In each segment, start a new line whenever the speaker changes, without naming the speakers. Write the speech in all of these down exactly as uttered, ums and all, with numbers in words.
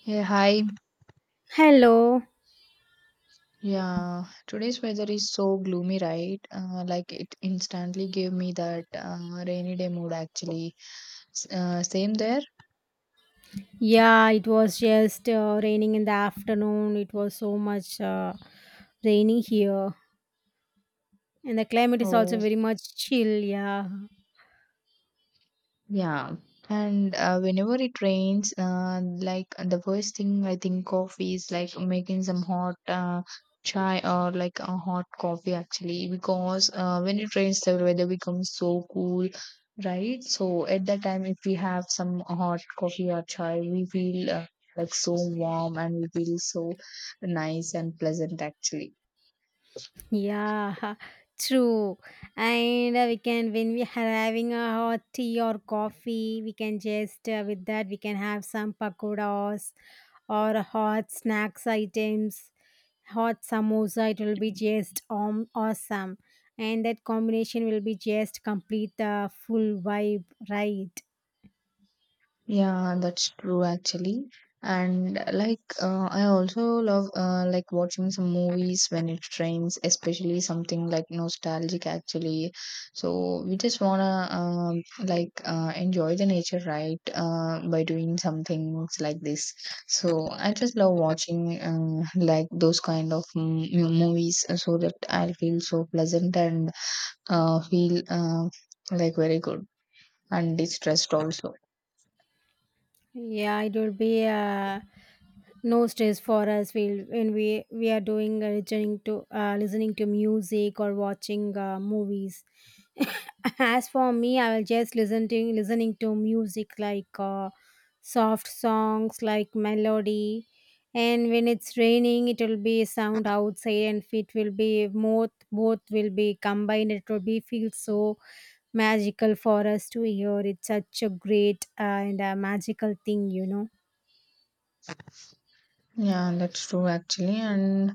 Hey, hi.
Hello.
Yeah, today's weather is so gloomy, right? Uh, like it instantly gave me that uh, rainy day mood actually. S- Uh, same there?
Yeah, it was just uh, raining in the afternoon. It was so much uh, raining here. And the climate is also
Oh.
very much chill. Yeah.
Yeah. And uh, whenever it rains, uh, like uh, the first thing I think of is like making some hot uh, chai or like a hot coffee actually, because uh, when it rains, the weather becomes so cool, right? So at that time, if we have some hot coffee or chai, we feel uh, like so warm and we feel so nice and pleasant actually.
Yeah. True. And uh, we can, when we are having a hot tea or coffee, we can just, uh, with that, we can have some pakoras or hot snacks items, hot samosa, it will be just um, awesome, and that combination will be just complete the full vibe, right?
Yeah, that's true actually. And like uh, I also love uh, like watching some movies when it rains, especially something like nostalgic actually. So we just wanna um, like uh, enjoy the nature, right? Uh, by doing some things like this. So I just love watching uh, like those kind of mm, you know, movies uh, so that I feel so pleasant and uh, feel uh, like very good and distressed also.
Yeah, it will be uh, no stress for us we when we we are doing uh, listening to uh, listening to music or watching uh, movies. As for me, I will just listen to listening to music like uh, soft songs like melody. And when it's raining, it will be sound outside, and it will be both both will be combined, it will be feel so magical for us to hear. It's such a great uh, and a magical thing you know
Yeah, that's true actually. And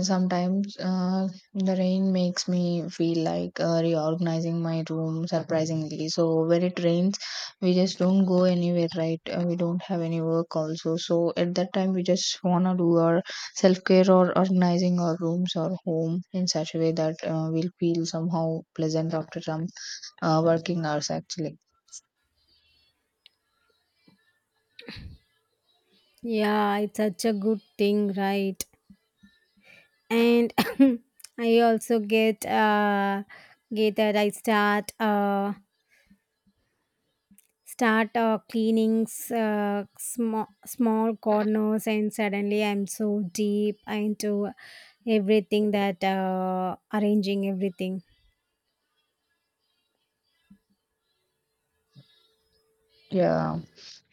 sometimes uh, the rain makes me feel like uh, reorganizing my room surprisingly. So when it rains, we just don't go anywhere, right? Uh, we don't have any work also. So at that time, we just wanna do our self care or organizing our rooms or home in such a way that uh, we'll feel somehow pleasant after some uh, working hours actually.
Yeah, it's such a good thing, right? And I also get uh get that I start uh start uh, cleaning, s- uh, small small corners, and suddenly I'm so deep into everything that uh arranging everything.
Yeah.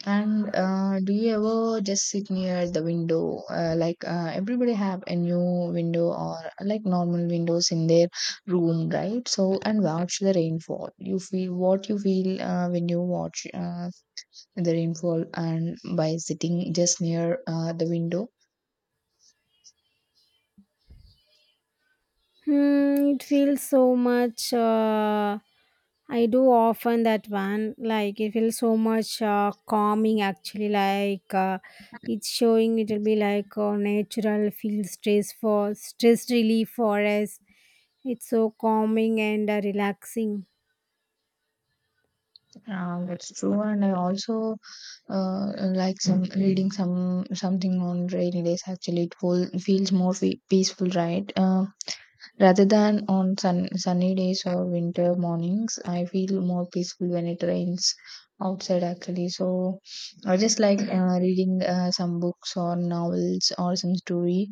And uh, do you ever just sit near the window? Uh, like uh, everybody have a new window or like normal windows in their room, right? So and watch the rainfall. You feel what you feel uh, when you watch uh, the rainfall, and by sitting just near uh, the window.
Hmm, it feels so much. Uh, I do often that one. Like it feels so much uh, calming. Actually, like uh, it's showing. It'll be like uh, natural feel stress for stress relief for us. It's so calming and uh, relaxing.
Uh, that's true. And I also uh, like some reading some something on rainy days. Actually, it feel, feels more fe- peaceful, right? Um, rather than on sun, sunny days or winter mornings, I feel more peaceful when it rains outside actually. So I just like uh, reading uh, some books or novels or some story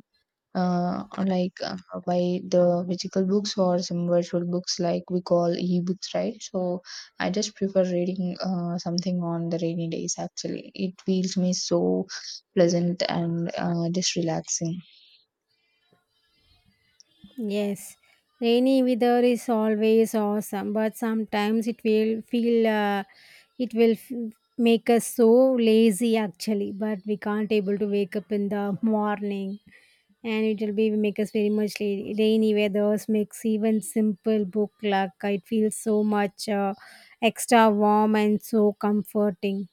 uh, like uh, by the physical books or some virtual books like we call ebooks, right? So I just prefer reading uh, something on the rainy days actually. It feels me so pleasant and uh, just relaxing.
Yes, rainy weather is always awesome, but sometimes it will feel uh, it will f- make us so lazy actually. But we can't able to wake up in the morning, and it will be make us very much, la- rainy weathers makes even simple book, like it feels so much uh, extra warm and so comforting.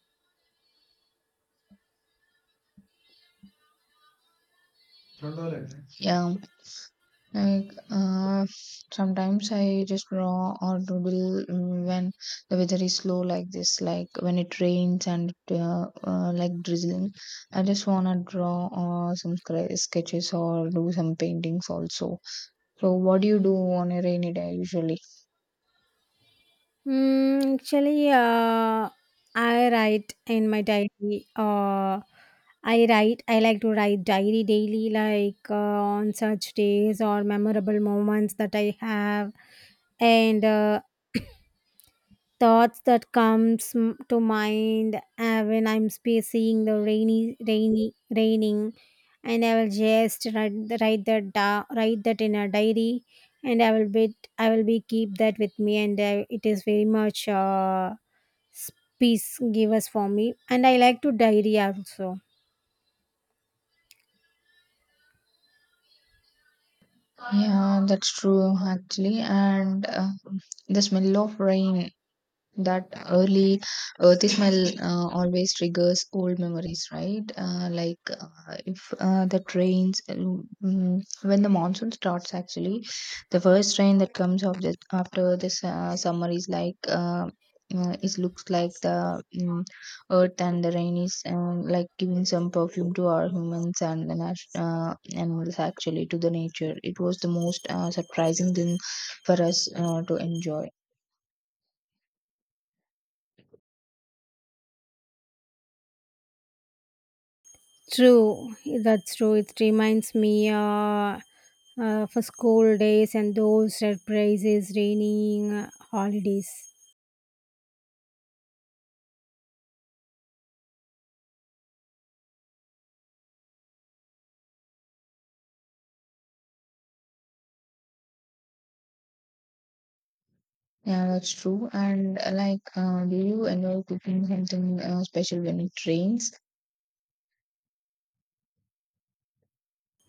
Yeah. Like uh, sometimes I just draw or doodle mm, when the weather is slow like this, like when it rains and uh, uh, like drizzling. I just wanna draw or some scra- sketches or do some paintings also. So what do you do on a rainy day usually?
Mm, actually, uh, I write in my diary. Uh, I write. I like to write diary daily, like uh, on such days or memorable moments that I have, and uh, thoughts that comes m- to mind uh, when I'm spe- seeing the rainy, rainy, raining, and I will just write, write that da- write that in a diary, and I will be I will be keep that with me, and uh, it is very much. Uh, peace give us for me, and I like to diary also.
Yeah, that's true actually. And uh, the smell of rain, that early earthy smell uh, always triggers old memories, right? Uh, like uh, if uh, the rains, mm, when the monsoon starts, actually, the first rain that comes off this, after this uh, summer is like uh, uh, it looks like the mm earth and the rain is uh, like giving some perfume to our humans and the nat- uh, animals actually to the nature. It was the most uh, surprising thing for us uh, to enjoy.
True. That's true, it reminds me, uh, uh for school days and those surprises, raining uh, holidays.
Yeah, that's true. And uh, like, uh, do you enjoy cooking something uh, special when it rains?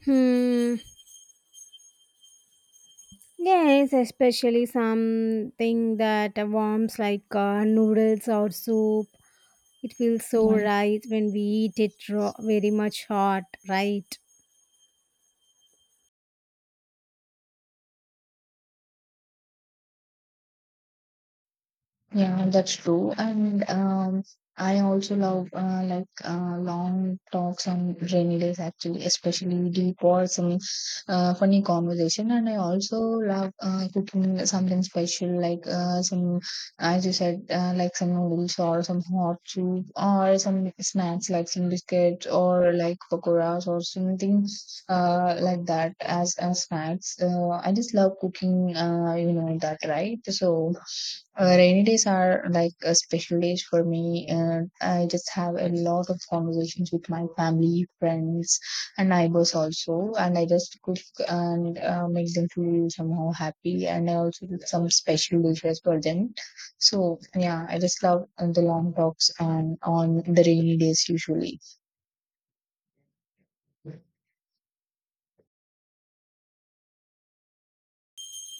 Hmm, yes, especially something that warms, like uh, noodles or soup. It feels so right when we eat it raw, very much hot, right?
Yeah, that's true. And um, I also love uh, like uh, long talks on rainy days, actually, especially deep or some uh, funny conversation. And I also love uh, cooking something special, like uh, some, as you said, uh, like some noodles or some hot soup or some snacks like some biscuits or like pakoras or something uh, like that as, as snacks. Uh, I just love cooking, uh, you know, that, right? So. Uh, rainy days are like a special days for me. Uh, I just have a lot of conversations with my family, friends, and neighbors also. And I just cook and uh, make them feel somehow happy. And I also do some special dishes for them. So yeah, I just love uh, the long talks and on the rainy days usually.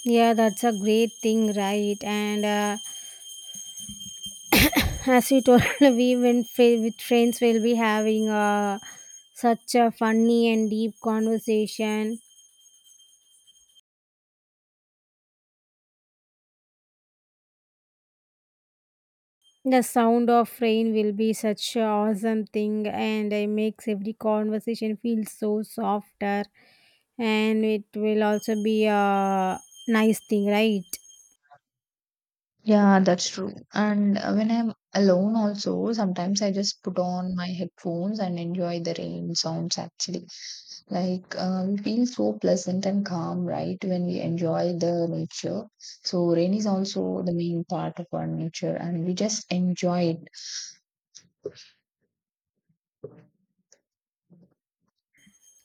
Yeah, that's a great thing, right? And uh, as you told, we went fa- with friends, we'll be having a such a funny and deep conversation. The sound of rain will be such an awesome thing, and it makes every conversation feel so softer, and it will also be a nice thing, right?
Yeah, that's true. And uh, when I'm alone also, sometimes I just put on my headphones and enjoy the rain sounds actually. Like uh, we feel so pleasant and calm, right, when we enjoy the nature. So rain is also the main part of our nature, and we just enjoy it.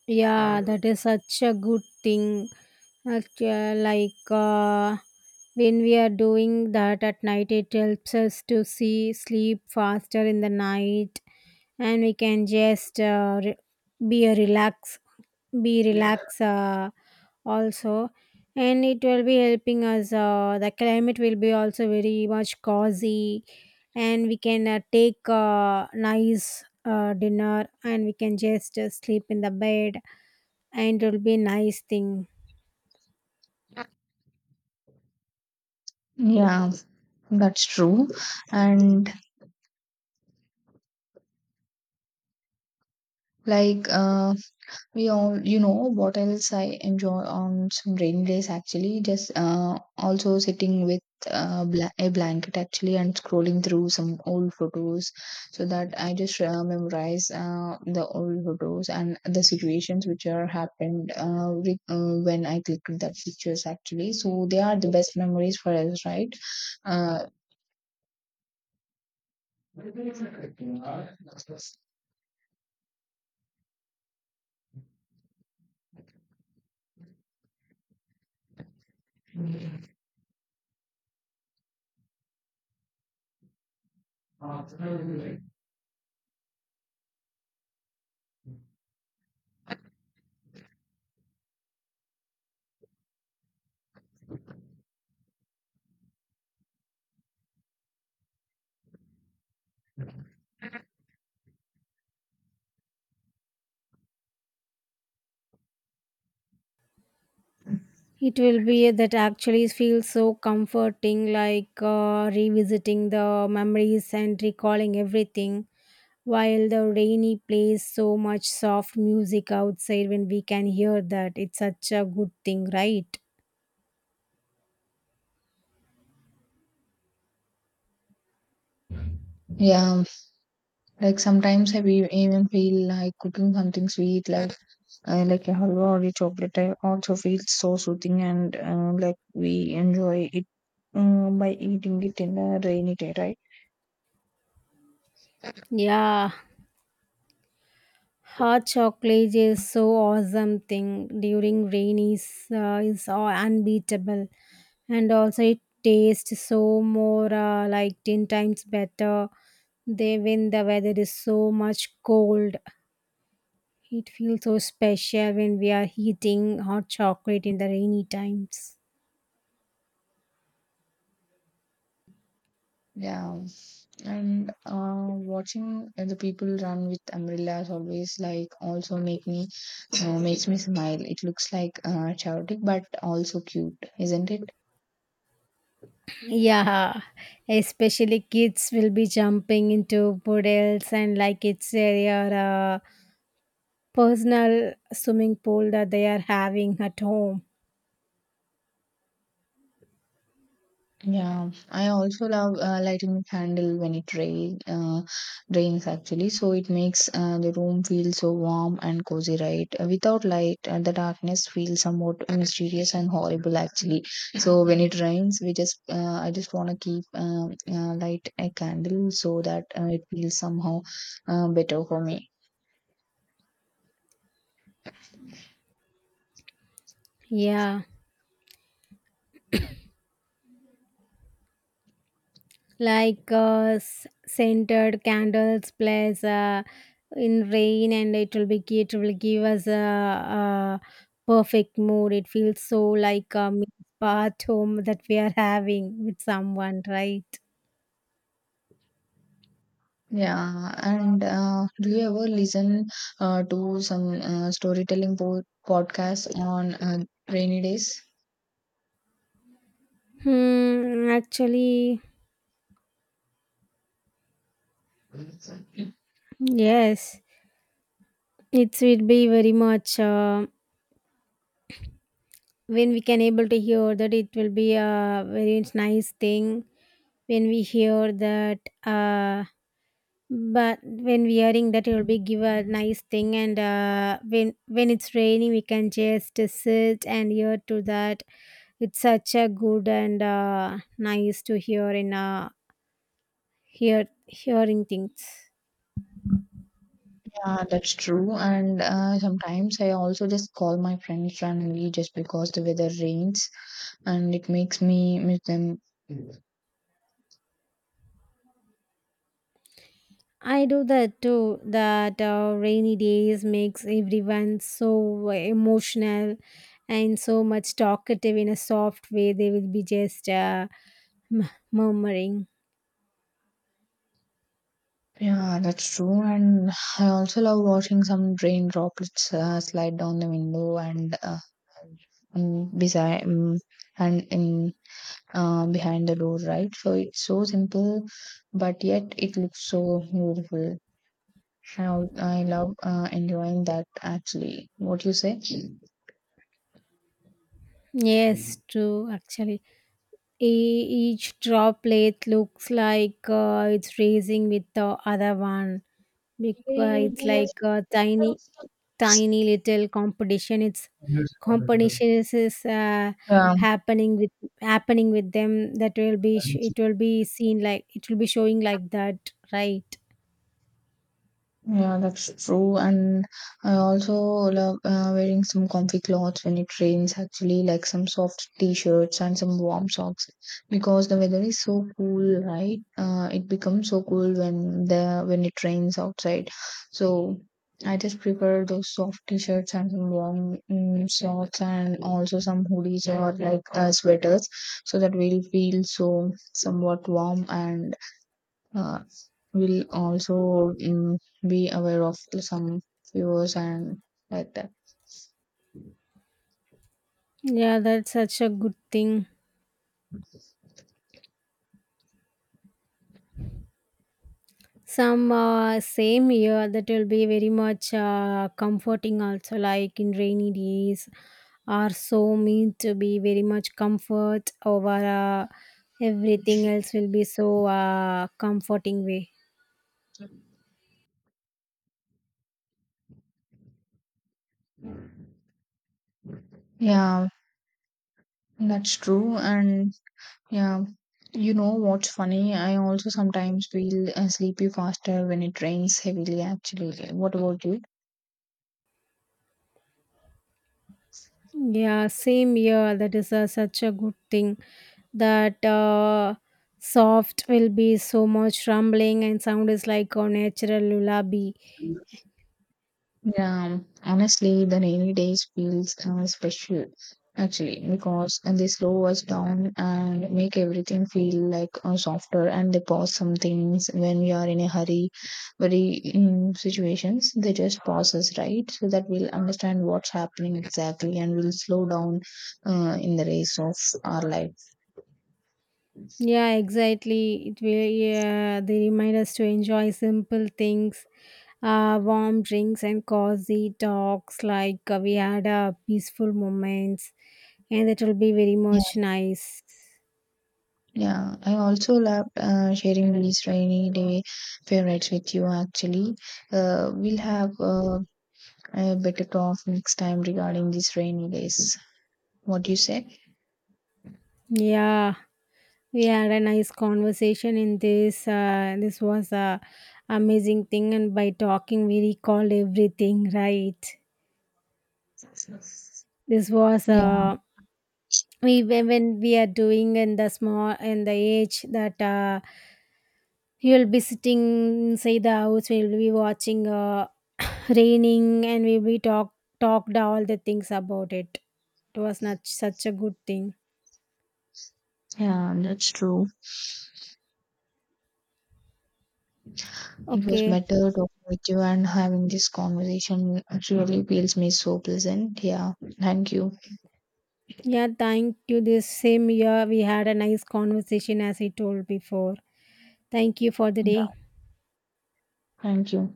Yeah, that is such a good thing. Okay, like uh, when we are doing that at night, it helps us to see sleep faster in the night, and we can just uh, re- be a relax, be relax uh, also, and it will be helping us. Uh, the climate will be also very much cozy, and we can uh, take uh, nice uh, dinner, and we can just uh, sleep in the bed, and it'll be a nice thing.
Yeah, that's true. And like uh, we all, you know, what else I enjoy on some rainy days actually, just uh, also sitting with uh, bla- a blanket actually and scrolling through some old photos so that I just uh, memorize uh, the old photos and the situations which are happened uh, with, uh, when I clicked that pictures actually. So they are the best memories for us, right? Uh,
It will be that actually feels so comforting, like uh, revisiting the memories and recalling everything while the rainy plays so much soft music outside, when we can hear that. It's such a good thing, right?
yeah, like sometimes I we even feel like cooking something sweet, like uh, like a halwa or a chocolate. I also feel so soothing and uh, like we enjoy it uh, by eating it in a rainy day, right?
Yeah. Hot chocolate is so awesome thing during rain is, uh, is uh, unbeatable, and also it tastes so more uh, like ten times better. They when the weather is so much cold, it feels so special when we are eating hot chocolate in the rainy times.
Yeah and uh, watching the people run with umbrellas always like also make me uh, makes me smile. It looks like uh, chaotic but also cute, isn't it?
Yeah, especially kids will be jumping into puddles, and like it's their uh, personal swimming pool that they are having at home.
Yeah, I also love uh, lighting the candle when it rain, uh, rains actually. So it makes uh, the room feel so warm and cozy, right? Uh, without light, uh, the darkness feels somewhat mysterious and horrible actually. So when it rains, we just uh, I just want to keep um, uh, light a candle so that uh, it feels somehow uh, better for me.
Yeah, like uh, s- scented candles plus uh, in rain, and it will be it will give us a, a perfect mood. It feels so like a mini spa at home that we are having with someone, right?
Yeah, and uh, do you ever listen uh, to some uh, storytelling po podcasts on uh, rainy days?
Hmm. Actually, yes, it will be very much. Uh, when we can able to hear that, it will be a very nice thing, when we hear that. uh but when we hearing that, it will be give a nice thing. And uh when when it's raining, we can just sit and hear to that. It's such a good and uh nice to hear, in uh hear hearing things.
Yeah, that's true. And uh, sometimes I also just call my friends randomly just because the weather rains and it makes me miss them.
I do that too. That uh, rainy days makes everyone so emotional and so much talkative in a soft way. They will be just uh, m- murmuring.
Yeah, that's true. And I also love watching some rain droplets uh, slide down the window and uh, um, beside um, and in uh, behind the door, right? So it's so simple, but yet it looks so beautiful. I, al- I love uh, enjoying that actually. What do you say?
Yes, true. Actually, E- each droplet looks like uh, it's raising with the other one. Because it's like a tiny, tiny little competition. It's competition is, is uh,
Yeah,
happening with happening with them. That will be sh- it will be seen, like it will be showing like that, right?
yeah, that's true. And I also love uh, wearing some comfy clothes when it rains, actually, like some soft t-shirts and some warm socks, because the weather is so cool, right? Uh, it becomes so cool when the when it rains outside. So I just prefer those soft t-shirts and some warm mm, socks and also some hoodies or like uh, sweaters, so that we'll feel so somewhat warm and uh, will also mm, be aware of some viewers and like that.
Yeah, that's such a good thing. Some uh, same year that will be very much uh, comforting, also like in rainy days are so meant to be very much comfort, over uh, everything else will be so uh, comforting way.
Yeah, that's true. And yeah, you know what's funny? I also sometimes feel uh, sleepy faster when it rains heavily, actually. What about you?
Yeah, same year that is uh, such a good thing, that uh, soft will be so much rumbling, and sound is like a natural lullaby.
Yeah, honestly, the rainy days feels uh, special actually because uh, they slow us down and make everything feel like uh, softer and they pause some things when we are in a hurry, very um, situations. They just pause us, right? So that we'll understand what's happening exactly and we'll slow down uh, in the race of our life.
Yeah, exactly. It will, yeah, they remind us to enjoy simple things, uh, warm drinks and cozy talks. Like uh, we had uh, peaceful moments, and it will be very
Yeah.
much nice.
Yeah, I also loved uh, sharing these rainy day favorites with you actually. Uh, we'll have uh, Uh, better talk next time regarding these rainy days. What do you say?
Yeah, we had a nice conversation in this. Uh, this was a amazing thing, and by talking, we recalled everything. Right. This was
Yeah,
uh, we when when we are doing in the small in the age that. Uh, You'll be sitting inside the house. We'll be watching uh, raining, and we'll be talk talked all the things about it. It was not such a good thing.
yeah, that's true. It was
Okay.
better talking with you, and having this conversation really feels me so pleasant. Yeah, thank you.
Yeah, thank you. This same year we had a nice conversation, as I told before. Thank you for the day.
Yeah, thank you.